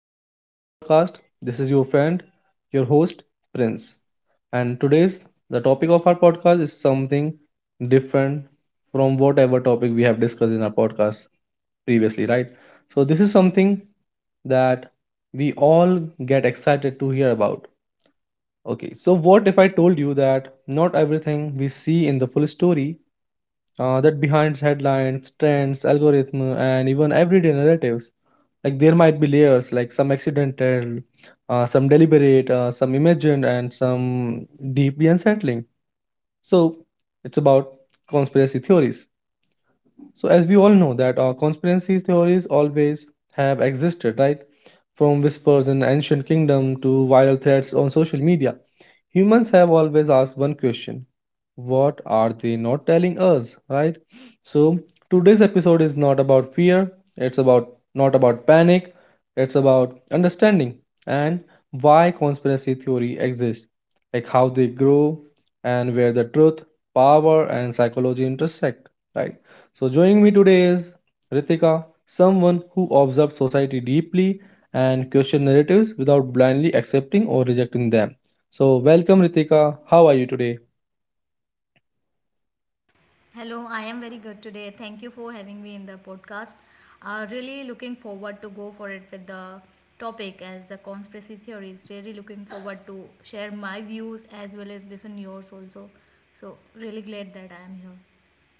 Welcome to our podcast. This is your friend, your host, Prince. And today's the topic of our podcast is something different from whatever topic we have discussed in our podcast previously, right? So, this is something that we all get excited to hear about. Okay, so what if I told you that not everything we see in the full story that behind headlines, trends, algorithm, and even everyday narratives. Like there might be layers, like some accidental, some deliberate, some imagined, and some deeply unsettling. So it's about conspiracy theories, so as we all know that conspiracy theories always have existed, right? From whispers in ancient kingdom to viral threads on social media, humans have always asked one question: what are they not telling us, right? So today's episode is not about fear. It's about, not about panic. It's about understanding and why conspiracy theory exists, like how they grow and where the truth, power, and psychology intersect, right? So, joining me today is Ritika, someone who observes society deeply and questions narratives without blindly accepting or rejecting them. So, welcome Ritika. How are you today? Hello, I am very good today. Thank you for having me in the podcast. Really looking forward to go for it with the topic as the conspiracy theories. Really looking forward to share my views as well as listen yours also. So really glad that I am here.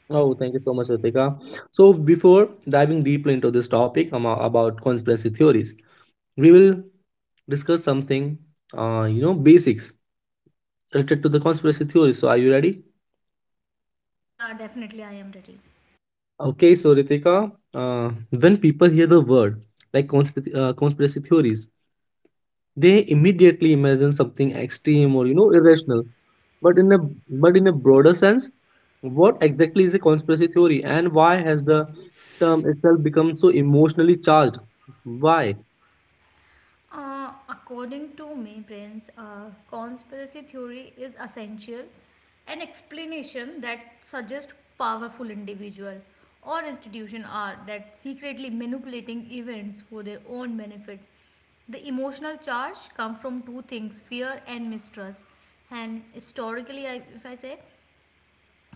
Oh, thank you so much, Ritika. So, before diving deeply into this topic about conspiracy theories, we will discuss something, you know, basics related to the conspiracy theories. So, are you ready? Yeah, definitely I am ready. Okay, so Ritika, when people hear the word like conspiracy, conspiracy theories, they immediately imagine something extreme or, you know, irrational, but in a broader sense, what exactly is a conspiracy theory, and why has the term itself become so emotionally charged? Why? According to me, friends, conspiracy theory is essential an explanation that suggests powerful individual or institution are that secretly manipulating events for their own benefit. The emotional charge come from two things: fear and mistrust. And historically, I, if I say,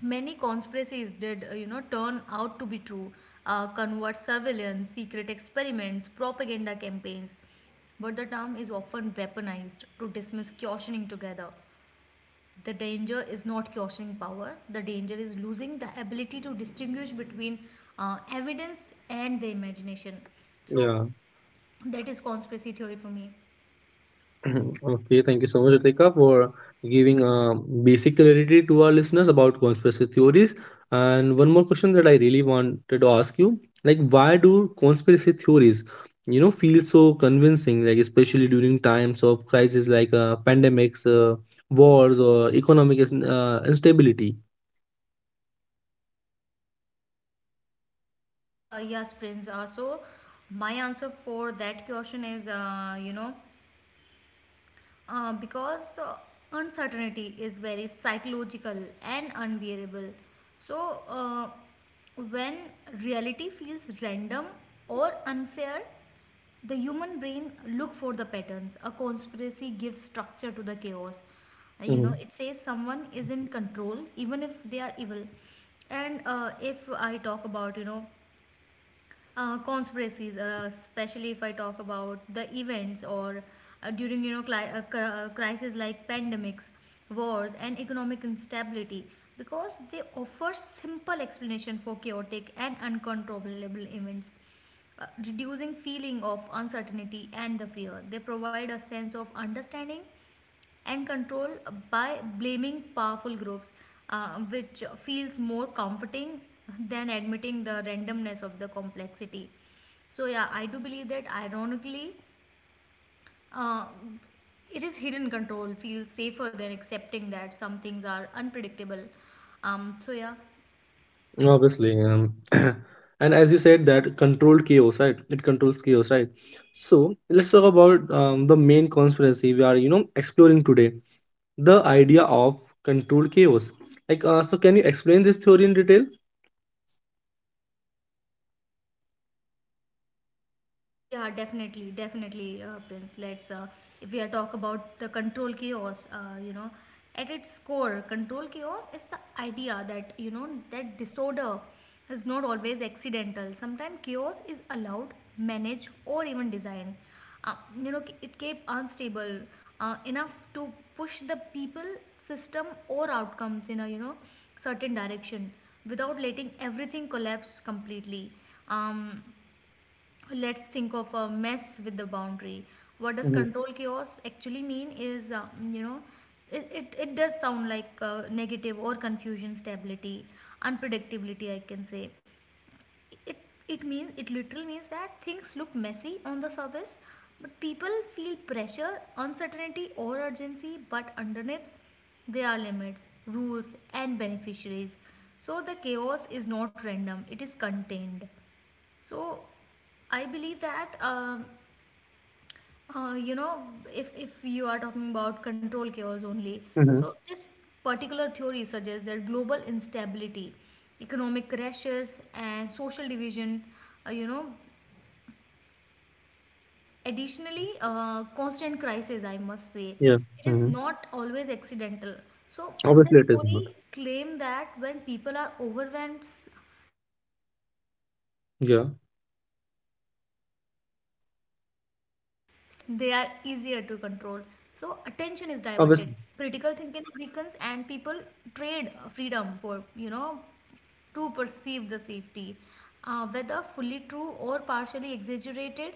many conspiracies did, you know, turn out to be true. Covert surveillance, secret experiments, propaganda campaigns. But the term is often weaponized to dismiss cautioning together. The danger is not cautioning power. The danger is losing the ability to distinguish between evidence and the imagination. So Yeah. that is conspiracy theory for me. Mhm. Okay, thank you so much, Ritika, for giving basic clarity to our listeners about conspiracy theories. And one more question that I really wanted to ask you, like, why do conspiracy theories, you know, feel so convincing? Like, especially during times of crisis like pandemics, wars, or economic instability. Yes, Prince. So my answer for that question is, you know, because the uncertainty is very psychological and unbearable. So, when reality feels random or unfair, the human brain look for the patterns. A conspiracy gives structure to the chaos. You Mm-hmm. know, it says someone is in control, even if they are evil. And if I talk about, you know, conspiracies, especially if I talk about the events or during you know crises like pandemics, wars, and economic instability, because they offer simple explanation for chaotic and uncontrollable events. Reducing feeling of uncertainty and the fear they provide a sense of understanding and control by blaming powerful groups, which feels more comforting than admitting the randomness of the complexity. So, yeah, I do believe that ironically, uh, it is hidden control feels safer than accepting that some things are unpredictable. So, yeah. Obviously. Um, and as you said, that controlled chaos, right? It controls chaos, right? So let's talk about the main conspiracy we are, you know, exploring today. The idea of controlled chaos. Like, so can you explain this theory in detail? Yeah, definitely, definitely, Prince. If we are talk about the control chaos, you know, at its core, control chaos is the idea that you know that disorder is not always accidental. Sometimes chaos is allowed, managed, or even designed. Uh, you know, it kept unstable enough to push the people, system, or outcomes in a you know certain direction without letting everything collapse completely. Um, let's think of a mess with the boundary. What does Mm-hmm. control chaos actually mean is you know it does sound like negative or confusion stability unpredictability. I can say it, it means it literally means that things look messy on the surface but people feel pressure, uncertainty or urgency, but underneath there are limits, rules and beneficiaries. So the chaos is not random, it is contained. So I believe that you know, if you are talking about control chaos only, Mm-hmm. so this particular theory suggests that global instability, economic crashes, and social division, you know, additionally constant crisis. I must say Yeah. it is Mm-hmm. not always accidental. So the Obviously, it is not. theory claim that when people are overwhelmed, Yeah, divided, they are easier to control. So, attention is diverted, critical obviously. thinking weakens, and people trade freedom for, you know, to perceive the safety. Whether fully true or partially exaggerated,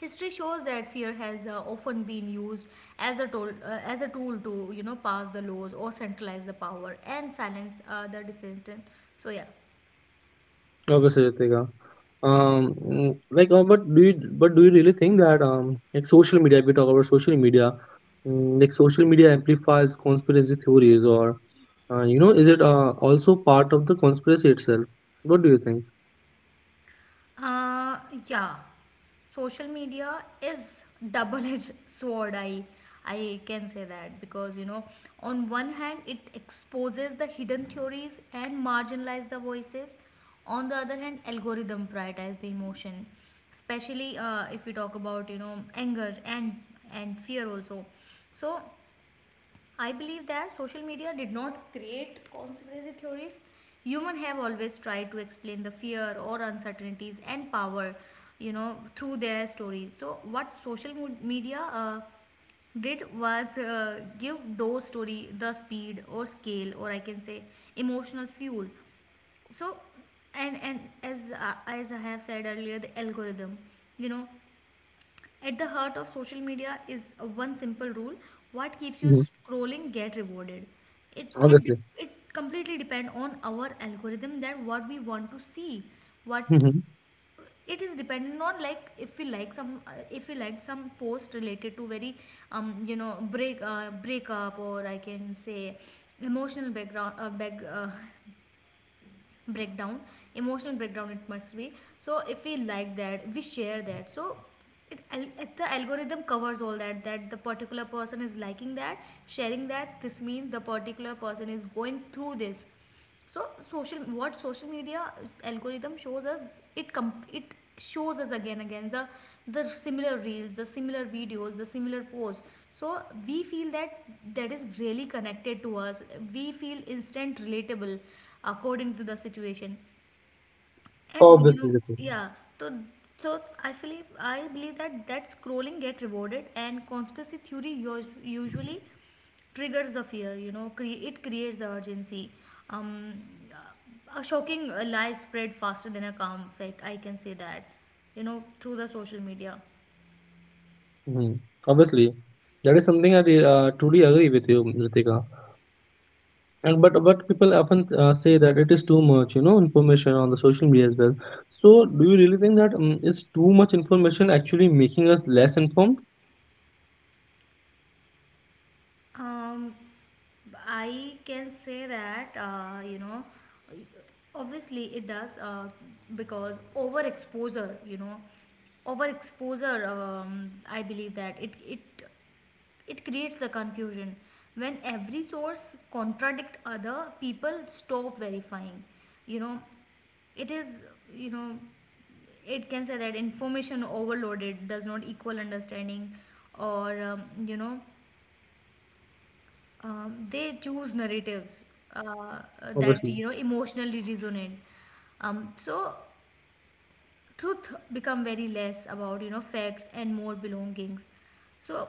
history shows that fear has often been used as a tool to, you know, pass the laws or centralize the power and silence the dissident. So, yeah. Obviously, Ritika. But do you, but do you really think that, like social media? If we talk about social media, like social media amplifies conspiracy theories, or you know, is it also part of the conspiracy itself? What do you think? Uh, yeah. Social media is double edged sword. I can say that because you know on one hand it exposes the hidden theories and marginalize the voices. On the other hand algorithm prioritize the emotion, especially if we talk about you know anger and fear also. So I believe that social media did not create conspiracy theories. Humans have always tried to explain the fear or uncertainties and power, you know, through their stories. So what social media did was give those story the speed or scale or I can say emotional fuel. So and as I have said earlier, the algorithm, you know, at the heart of social media is one simple rule: what keeps you Hmm. scrolling get rewarded. It it Obviously. de- it completely depend on our algorithm that what we want to see, what Hmm. it is dependent on. Like if we like some post related to very you know breakup, or I can say emotional background breakdown, emotional breakdown it must be. So if we like that we share that. So it, the algorithm covers all that, that the particular person is liking that, sharing that. This means the particular person is going through this. So social, what social media algorithm shows us, it shows us again again the similar reels, the similar videos, the similar posts. So we feel that that is really connected to us. We feel instant relatable according to the situation and you Obviously, know, Ritika. yeah. So so I feel, I believe that that scrolling get rewarded and usually triggers the fear. You know it creates the urgency. um, a shocking lie spread faster than a calm fact, I can say that, you know, through the social media. Hmm. Obviously, that is something I truly agree with you, Ritika. And but people often say that it is too much, you know, information on the social media as well. So do you really think that, it's too much information actually making us less informed? um, I can say that you know obviously it does, because overexposure, you know, overexposure, I believe that it it creates the confusion. When every source contradict, other people stop verifying, you know. It is, you know, it can say that information overloaded does not equal understanding, or you know, they choose narratives uh, that Obviously. you know emotionally resonate. So truth become very less about you know facts and more belongings. So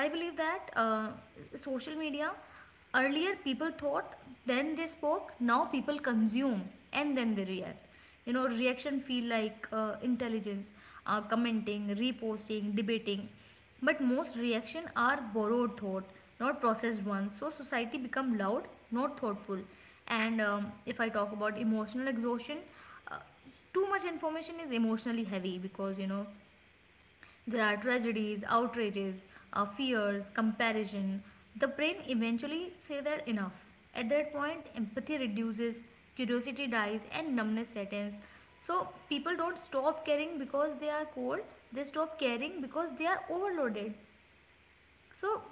I believe that social media, earlier people thought then they spoke, now people consume and then they react. You know reaction feel like intelligence, commenting, reposting, debating, but most reaction are borrowed thought, not processed ones. So society become loud, not thoughtful. And if I talk about emotional exhaustion, uh, too much information is emotionally heavy because you know there are tragedies, outrages, fears, comparison. The brain eventually say that enough. At that point, empathy reduces, curiosity dies, and numbness sets in. So people don't stop caring because they are cold. They stop caring because they are overloaded. So,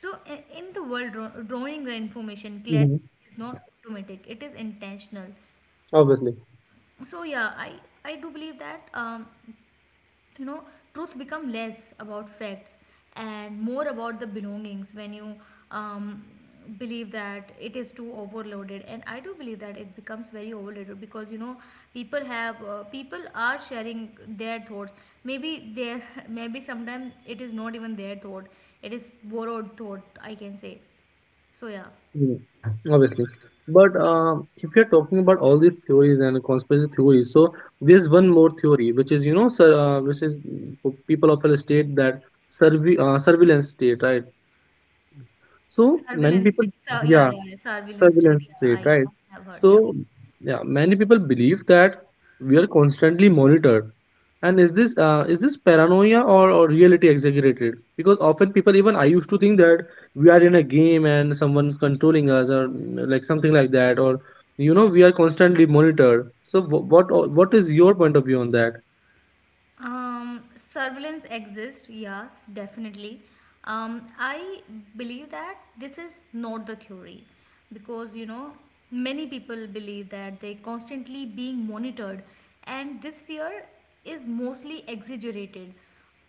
so in the world, drawing the information clear Hmm. is not automatic. It is intentional. Obviously. So yeah, I do believe that. You know truth become less about facts and more about the belongings when you um, believe that it is too overloaded. And I do believe that it becomes very overloaded because you know people are sharing their thoughts. Maybe there, maybe sometimes it is not even their thought, it is borrowed thought I can say. So yeah, Mhm. Obviously. But if you're talking about all these theories and conspiracy theories, so there's one more theory, which is, you know, which is, people often state that, surveillance state, right? So many surveillance people, state. So yeah, yeah, yeah, surveillance state, surveillance yeah, state, right? I have heard, yeah. So, yeah, many people believe that we are constantly monitored. And is this paranoia, or reality exaggerated? Because often people, even I used to think that we are in a game and someone's controlling us, or, like something like that, or you know, we are constantly monitored. So, what is your point of view on that? Surveillance exists, yes, definitely. I believe that this is not the theory because you know many people believe that they constantly being monitored, and this fear is mostly exaggerated.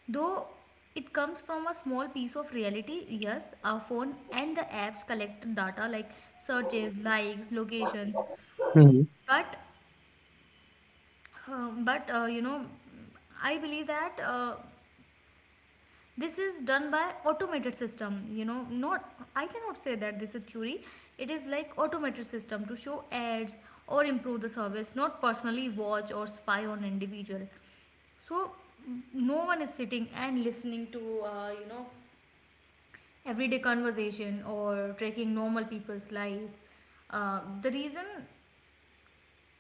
Though it comes from a small piece of reality, yes, our phone and the apps collect data like searches, likes, locations, Hmm. but you know I believe that. This is done by automated system, you know, not I cannot say that this is theory. It is like automated system to show ads or improve the service, not personally watch or spy on individual. So no one is sitting and listening to you know everyday conversation or tracking normal people's life. The reason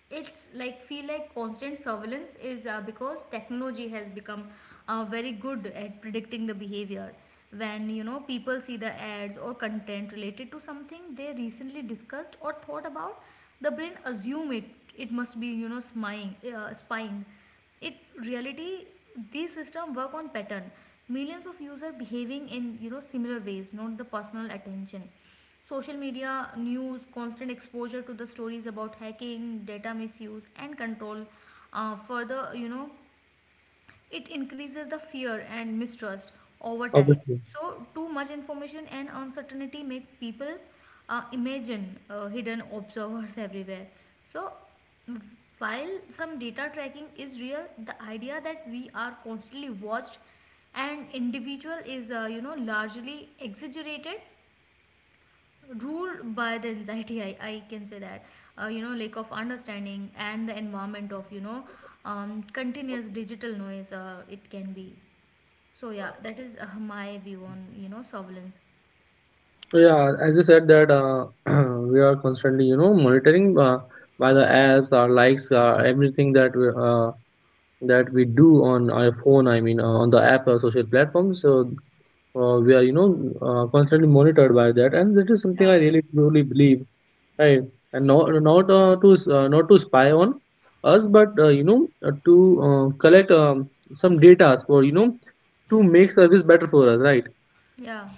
it's like feel like constant surveillance is because technology has become very good at predicting the behavior. When you know people see the ads or content related to something they recently discussed or thought about, the brain assume it, it must be you know spying, it reality. These system work on pattern, millions of users behaving in you know similar ways, not the personal attention. Social media news, constant exposure to the stories about hacking, data misuse, and control further, you know, it increases the fear and mistrust over time. Obviously. So, too much information and uncertainty make people imagine hidden observers everywhere. So, while some data tracking is real, the idea that we are constantly watched and individual is you know largely exaggerated, ruled by the anxiety. I can say that you know lack of understanding and the environment of you know continuous digital noise it can be. So yeah, that is my view on you know surveillance. So, yeah, as you said that, we are constantly, you know, monitoring by the apps, our likes, everything that we do on our phone, I mean, on the app or social platforms, so we are, you know, constantly monitored by that, and that is something I yeah really truly believe, right? And not, not to spy on us, but you know, to collect, some data for, you know, to make service better for us, right? yeah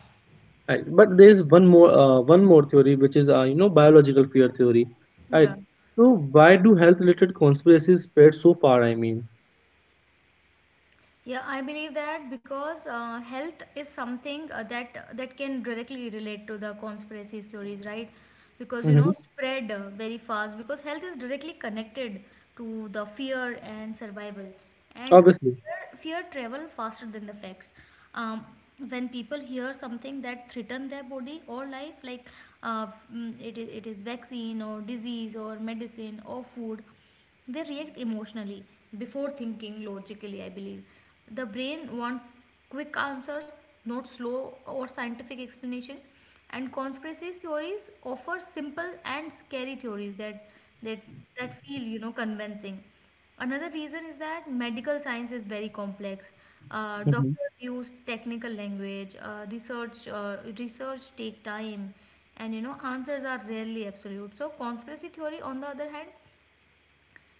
Right. But there is one more, one more theory, which is, you know, biological fear theory, right? yeah So why do health related conspiracies spread so far? I mean. Yeah, I believe that because health is something that can directly relate to the conspiracy theories, right? Because you Hmm. know, spread very fast because health is directly connected to the fear and survival, and Obviously. fear travel faster than the facts. Um, when people hear something that threaten their body or life, like uh, it is vaccine or disease or medicine or food, they react emotionally before thinking logically, I believe. The brain wants quick answers, not slow or scientific explanation. And conspiracy theories offer simple and scary theories that that that feel, you know, convincing. Another reason is that medical science is very complex. Mm-hmm. Doctors use technical language. Research take time, and you know answers are rarely absolute. So conspiracy theory, on the other hand,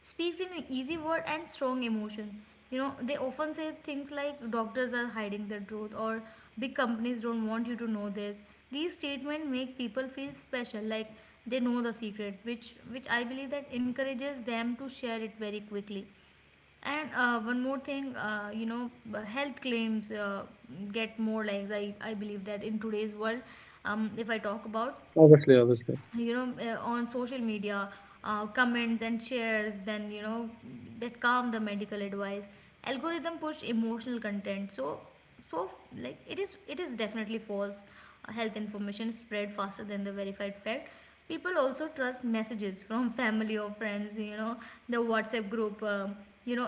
speaks in easy word and strong emotion. You know, they often say things like doctors are hiding the truth, or big companies don't want you to know this. These statements make people feel special, like they know the secret, which I believe that encourages them to share it very quickly. And one more thing, you know, health claims get more likes. I believe that in today's world, if I talk about, Obviously, obviously. you know, on social media, comments and shares, then you know that calm the medical advice algorithm push emotional content, so so like it is definitely false health information spread faster than the verified fact. People also trust messages from family or friends, you know, the WhatsApp group. You know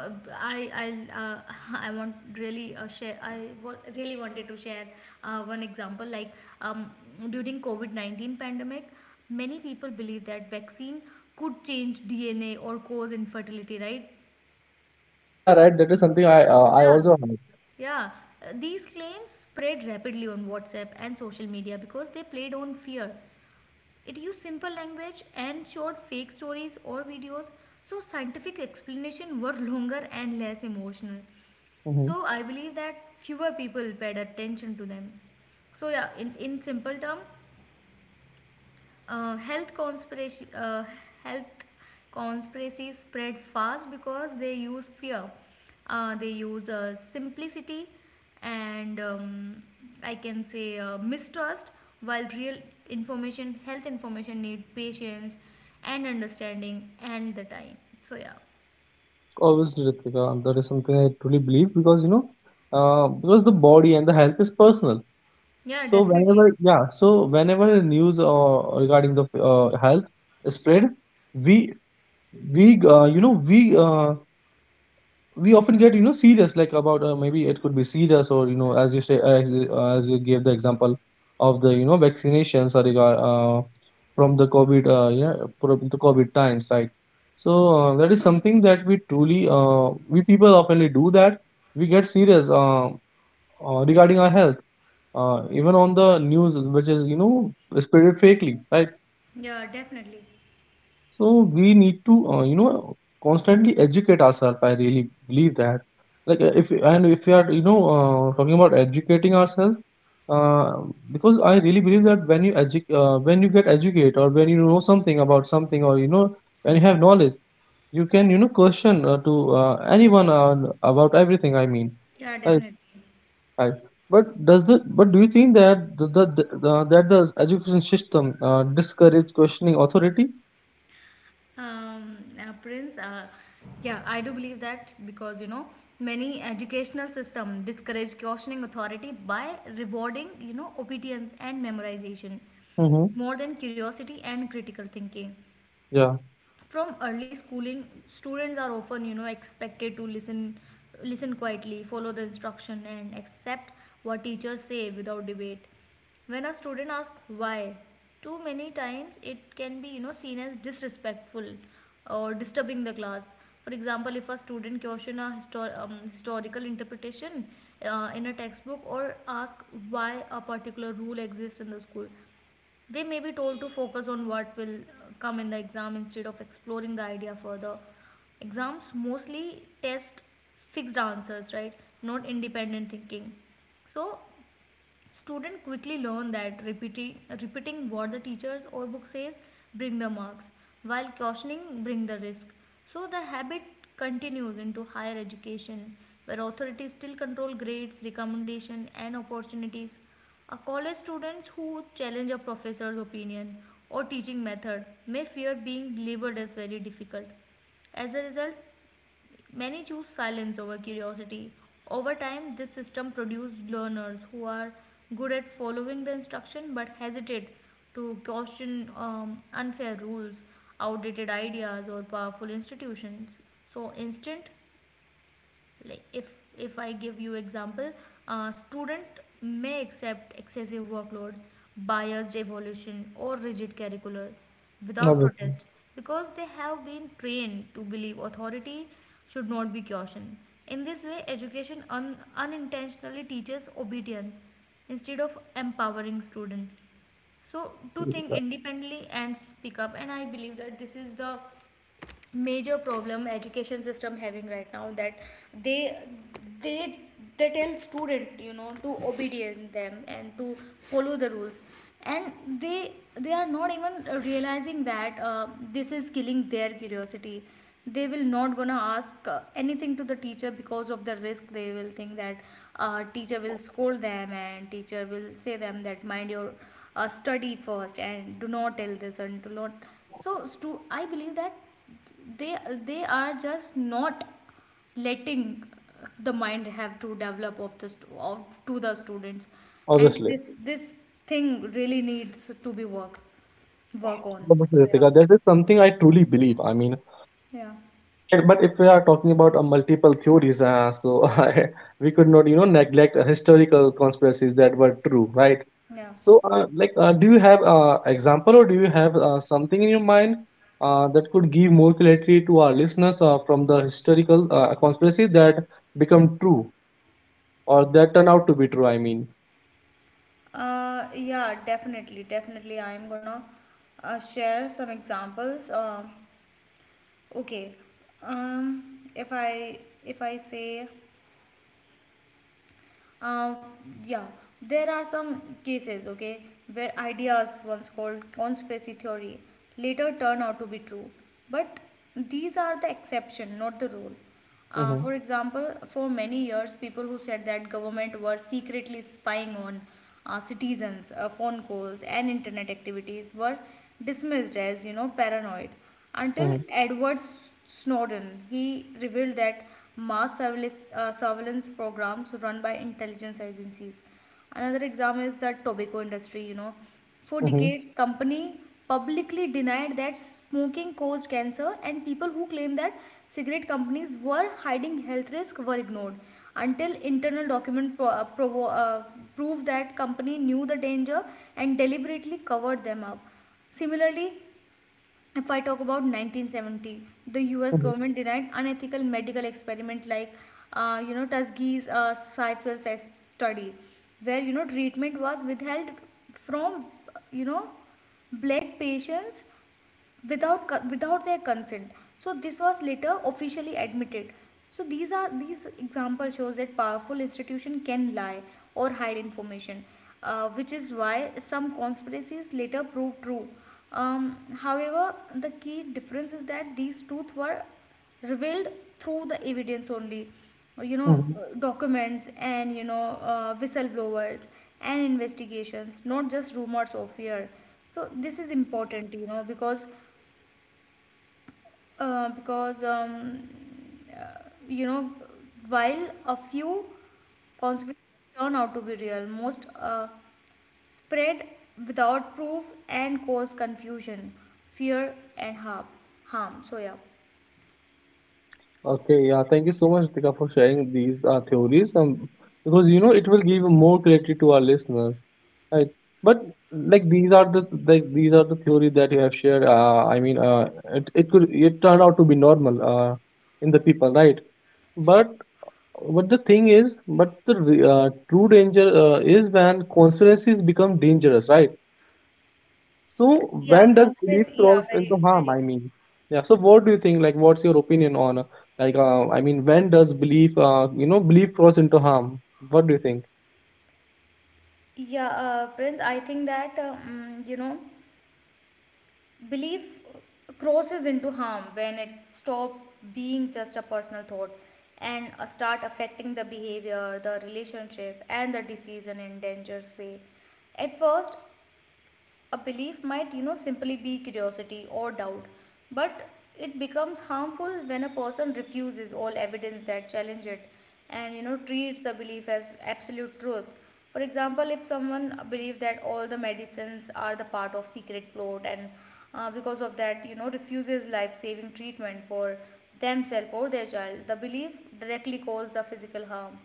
I I want really share I wa- really wanted to share one example, like um, during covid-19 pandemic many Mhm. people believe that vaccine could change dna or cause infertility, right? Yeah, right. That is something I, I yeah, also have. yeah. These claims spread rapidly on WhatsApp and social media because they played on fear. It used simple language and showed fake stories or videos, so scientific explanations were longer and less emotional. Mhm. So I believe that fewer people paid attention to them. So yeah, in simple term, health conspiracy health conspiracies spread fast because they use fear, they use simplicity, and I can say mistrust, while real information, health information, need patience and understanding and the time. So yeah. Obviously, Ritika, that is something I truly believe because you know, because the body and the health is personal. Yeah, So definitely. whenever, yeah, so whenever the news regarding the health is spread, we you know, we often get, you know, serious, like, about, maybe it could be serious, or, you know, as you say, as you gave the example of the, you know, vaccinations are regard from the covid, yeah, from the covid times, right? So that is something that we truly, we people oftenly do that, we get serious, regarding our health, even on the news, which is, you know, spreaded fakely, right? Yeah, definitely. So we need to, you know, constantly educate ourselves. I really believe that. Like, if and if we are, you know, talking about educating ourselves, uh, because I really believe that when you when you get educated, or when you know something about something, or you know, when you have knowledge, you can, you know, question, to anyone, about everything. I mean, Yeah, right, definitely. right. But does the, but do you think that the, the that the education system discourage questioning authority? Prince, yeah, I do believe that because you know many educational system discourage questioning authority by rewarding, you know, obedience and memorization Mm-hmm. more than curiosity and critical thinking. Yeah. From early schooling students are often, you know, expected to listen, quietly follow the instruction and accept what teachers say without debate. When a student asks why too many times, it can be, you know, seen as disrespectful or disturbing the class. For example, if a student question a historical interpretation in a textbook, or ask why a particular rule exists in the school, they may be told to focus on what will come in the exam instead of exploring the idea further. Exams mostly test fixed answers, right? Not independent thinking. So, students quickly learn that repeating what the teachers or book says bring the marks, while cautioning bring the risk. So the habit continues into higher education, where authorities still control grades, recommendation, and opportunities. A college students who challenge a professor's opinion or teaching method may fear being labeled as very difficult. As a result, many choose silence over curiosity. Over time, this system produced learners who are good at following the instruction but hesitate to question unfair rules, outdated ideas, or powerful institutions. So, instant, like, if I give you example, student may accept excessive workload, biased evolution, or rigid curricular without Obviously, protest, because they have been trained to believe authority should not be cautioned. In this way education unintentionally teaches obedience instead of empowering student so to think independently and speak up. And I believe that this is the major problem education system having right now, that they they they tell student, you know, to obedient them and to follow the rules, and they they are not even realizing that this is killing their curiosity. They will not gonna ask anything to the teacher because of the risk. They will think that teacher will scold them, and teacher will say them that mind your study first and do not tell this and do not. I believe that they they are just not letting the mind have to develop of the stu- of to the students. And obviously, this thing really needs to be work on. obviously, Ritika, that is something I truly believe. I mean, Yeah. it- but if we are talking about multiple theories, so I, we could not, you know, neglect historical conspiracies that were true, right? Yeah. So, like, do you have example, or do you have something in your mind that could give more clarity to our listeners from the historical conspiracy that become true or that turn out to be true? I mean. Yeah Definitely, definitely, I'm gonna share samples. Okay. um if i if I say, Uh, yeah, there are some cases, okay, where ideas, once called conspiracy theory, later turn out to be true. But these are the exception, not the rule. Mm-hmm, For example, for many years, people who said that government were secretly spying on citizens, phone calls, and internet activities were dismissed as, you know, paranoid, until mm-hmm, Edward Snowden. He revealed that surveillance programs run by intelligence agencies. Another example is the tobacco industry, you know. For mm-hmm, decades, company publicly denied that smoking caused cancer, and people who claimed that cigarette companies were hiding health risk were ignored until internal document proved that company knew the danger and deliberately covered them up. Similarly, if I talk about 1970, the U.S. mm-hmm, government denied unethical medical experiment, like, you know, Tuskegee's syphilis study, where, you know, treatment was withheld from, you know, black patients without their consent. So this was later officially admitted. So these example shows that powerful institution can lie or hide information, which is why some conspiracies later proved true. um, However the key difference is that these truths were revealed through the evidence only, you know, mm-hmm. Documents and, you know, whistleblowers and investigations, not just rumors of fear. So this is important, you know, because uh, because um, you know, while a few consequences turn out to be real, most spread without proof and cause confusion, fear, and harm. So yeah. Okay, yeah, thank you so much, Ritika, for sharing these, theories. Because you know it will give more clarity to our listeners, right? But like these are the, like these are the theory that you have shared. I mean, it, it could, it turned out to be normal, in the people, right? But what the thing is, but the, true danger is when conspiracies become dangerous, right? So Yeah, when does belief conspiracy. Yeah, cross into harm? very I true. mean, yeah. So what do you think? Like, what's your opinion on, like? I mean, when does belief, you know, belief cross into harm? What do you think? Yeah Prince, I think that, you know, belief crosses into harm when it stops being just a personal thought and start affecting the behavior, the relationship, and the decision in dangerous way. At first a belief might, you know, simply be curiosity or doubt, but it becomes harmful when a person refuses all evidence that challenge it and, you know, treats the belief as absolute truth. For example, if someone believes that all the medicines are the part of secret plot, and because of that, you know, refuses life-saving treatment for themselves or their child, the belief directly causes the physical harm.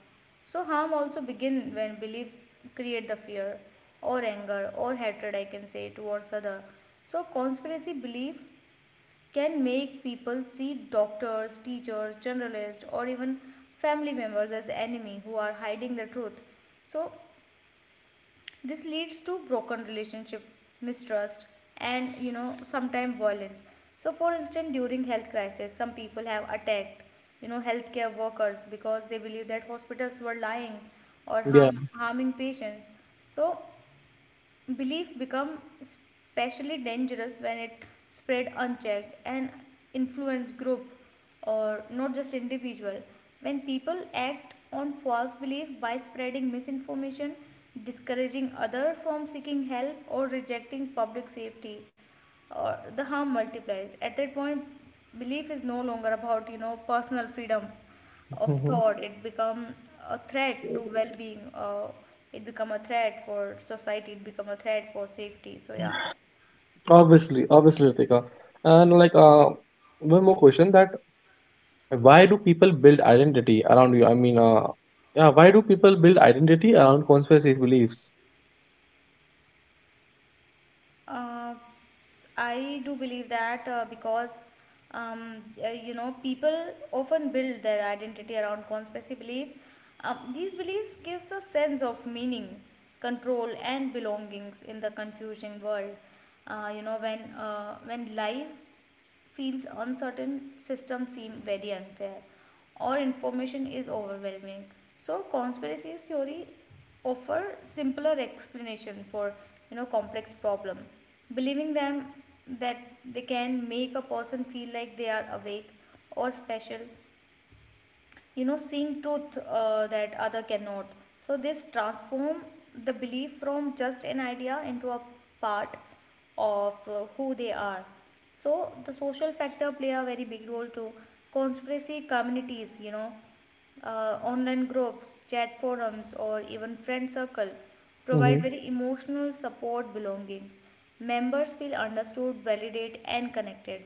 So harm also begin when belief create the fear or anger or hatred, I can say, towards other. So conspiracy belief can make people see doctors, teachers, journalists, or even family members as enemy who are hiding the truth. So this leads to broken relationship, mistrust, and, you know, sometimes violence. So for instance, during health crisis, some people have attacked, you know, healthcare workers because they believe that hospitals were lying or Yeah. Harming patients. So belief become especially dangerous when it spread unchecked and influence group or not just individual. When people act on false belief by spreading misinformation, discouraging other from seeking help, or rejecting public safety, or the harm multiplies. At that point belief is no longer about, you know, personal freedom of Hmm. thought. It become a threat to well-being. It become a threat for society. It become a threat for safety. So yeah. Obviously, obviously, Ritika. And like, one more question that why do people build identity around you? I mean, yeah, why do people build identity around conspiracy beliefs? uh, I do believe that because you know, people often build their identity around conspiracy belief. These beliefs gives a sense of meaning, control, and belongings in the confusing world. You know, when life feels uncertain, systems seem very unfair, or information is overwhelming. So conspiracies theory offer simpler explanation for, you know, complex problem. Believing them that they can make a person feel like they are awake or special, you know, seeing truth that other cannot. So this transform the belief from just an idea into a part of who they are. So the social factor play a very big role to conspiracy communities, you know, online groups, chat forums, or even friend circle provide very emotional support, belongings. Members feel understood, validated, and connected.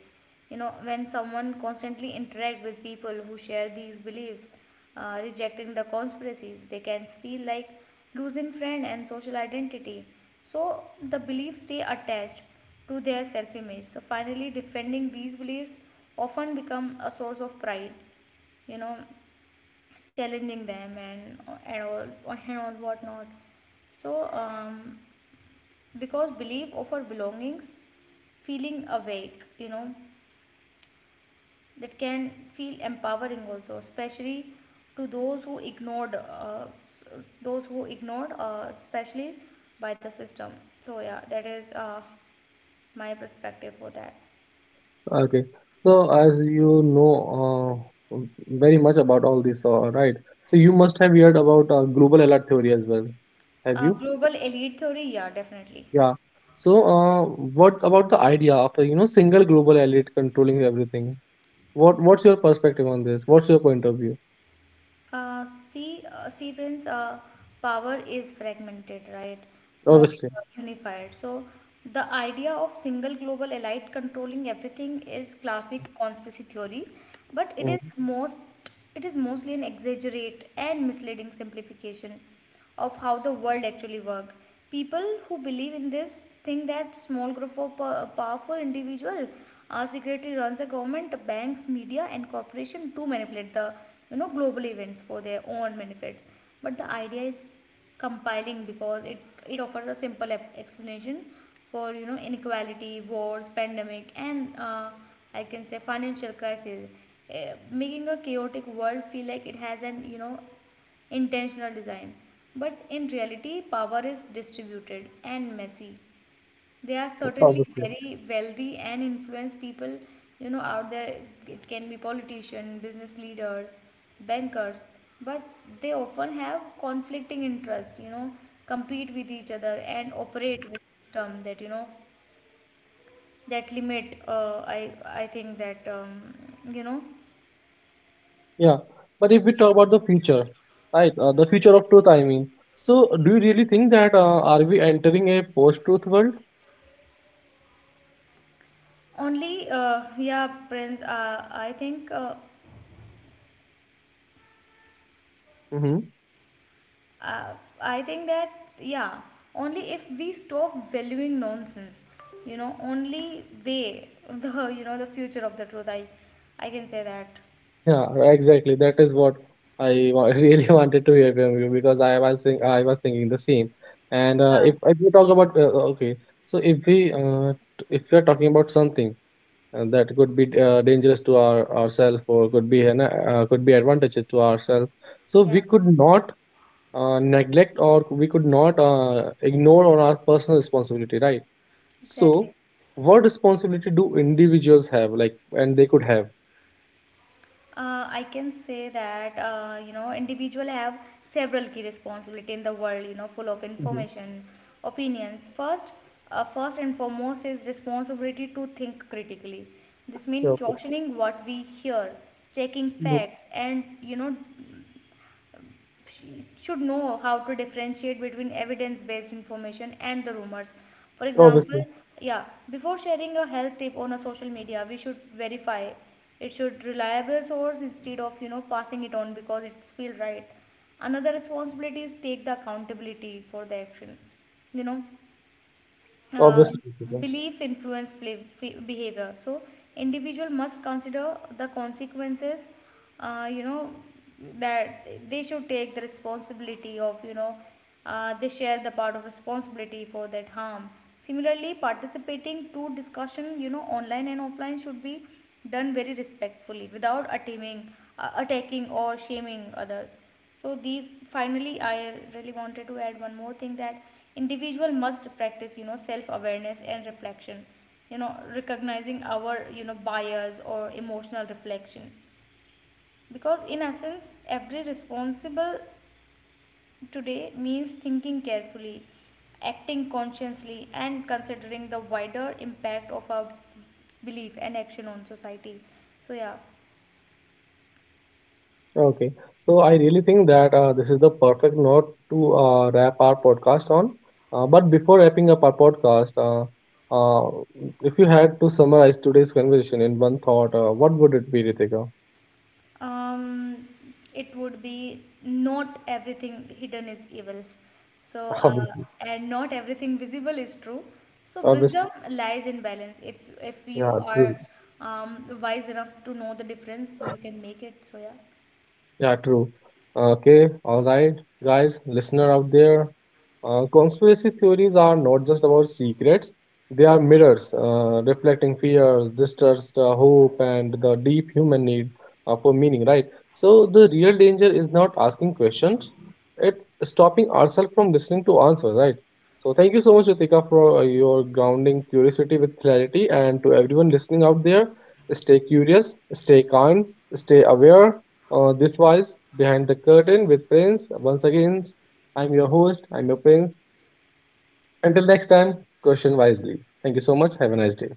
You know, when someone constantly interact with people who share these beliefs, rejecting the conspiracies, they can feel like losing friend and social identity. So the beliefs stay attached to their self-image. So finally, defending these beliefs often become a source of pride. You know, challenging them and all whatnot. So because belief offer belongings, feeling awake, you know, that can feel empowering also, especially to those who ignored especially by the system. So yeah, that is my perspective for that. Okay. So, as you know, very much about all this, right? So, you must have heard about global alert theory as well. Have you? Global elite theory, yeah, definitely. Yeah. So, what about the idea of a, you know, single global elite controlling everything? What's your perspective on this? What's your point of view? See, Prince, power is fragmented, right? Not Obviously. Unified. So, the idea of single global elite controlling everything is classic conspiracy theory, but Mhm. It is mostly an exaggerate and misleading simplification of how the world actually works. People who believe in this think that small group of powerful individual secretly runs a government, banks, media, and corporation to manipulate the, you know, global events for their own benefits. But the idea is compiling because it offers a simple explanation for, you know, inequality, wars, pandemic, and, I can say, financial crisis, making a chaotic world feel like it has an, you know, intentional design. But in reality, power is distributed and messy. There are certainly Obviously. very wealthy and influenced people, you know, out there. It can be politicians, business leaders, bankers, but they often have conflicting interests, you know, compete with each other, and operate with system that, you know, that limit. I think that, you know, Yeah. But if we talk about the future, right? The future of truth, I mean. So, do you really think that, are we entering a post-truth world? Yeah, Prince, I think. Mm-hmm. Uh, I think that, yeah, only if we stop valuing nonsense, you know, only way the, you know, the future of the truth. I can say that. Yeah, exactly. That is what I really wanted to hear from you because I was thinking the same. And Yeah, if we talk about okay, so if we, if we are talking about something that could be dangerous to our ourselves, or could be an could be advantages to ourselves, so we yeah, could not neglect, or we could not ignore on our personal responsibility, right? exactly. So, what responsibility do individuals have, like, and they could have? I can say that, you know, individual have several key responsibility in the world, you know, full of Mm-hmm. information, opinions. First, and foremost is responsibility to think critically. This Yeah, means okay. questioning what we hear, checking Mhm. facts, and, you know, should know how to differentiate between evidence based information and the rumors. For example, Obviously. yeah, before sharing a health tip on a social media we should verify it should reliable source instead of, you know, passing it on because it feels right. Another responsibility is take the accountability for the action, you know. uh, Obviously, Deepika. Belief influence behavior, so individual must consider the consequences, you know, that they should take the responsibility of, you know, they share the part of responsibility for that harm. Similarly, participating to discussion, you know, online and offline, should be done very respectfully without attaining attacking or shaming others. So these, finally, I really wanted to add one more thing, that individual must practice, you know, self awareness and reflection, you know, recognizing our, you know, bias or emotional reflection, because in essence every responsible today means thinking carefully, acting consciously, and considering the wider impact of our belief and action on society. So yeah. Okay. So I really think that this is the perfect note to wrap our podcast on. But before wrapping up our podcast, uh, if you had to summarize today's conversation in one thought, what would it be, Ritika? um it would be, not everything hidden is evil. So uh, Obviously, and not everything visible is true. So obviously, wisdom lies in balance. If you yeah, are true. Wise enough to know the difference, you can make it. So yeah. Yeah, true. Okay, all right, guys, listener out there. Conspiracy theories are not just about secrets, they are mirrors reflecting fears, distrust, hope, and the deep human need for meaning, right? So, the real danger is not asking questions, it's stopping ourselves from listening to answers, right? So, thank you so much, Ritika, for your grounding curiosity with clarity, and to everyone listening out there, stay curious, stay kind, stay aware. This was Behind the Curtain with Prince. Once again, I'm your host, I'm your Prince. Until next time, question wisely. Thank you so much. Have a nice day.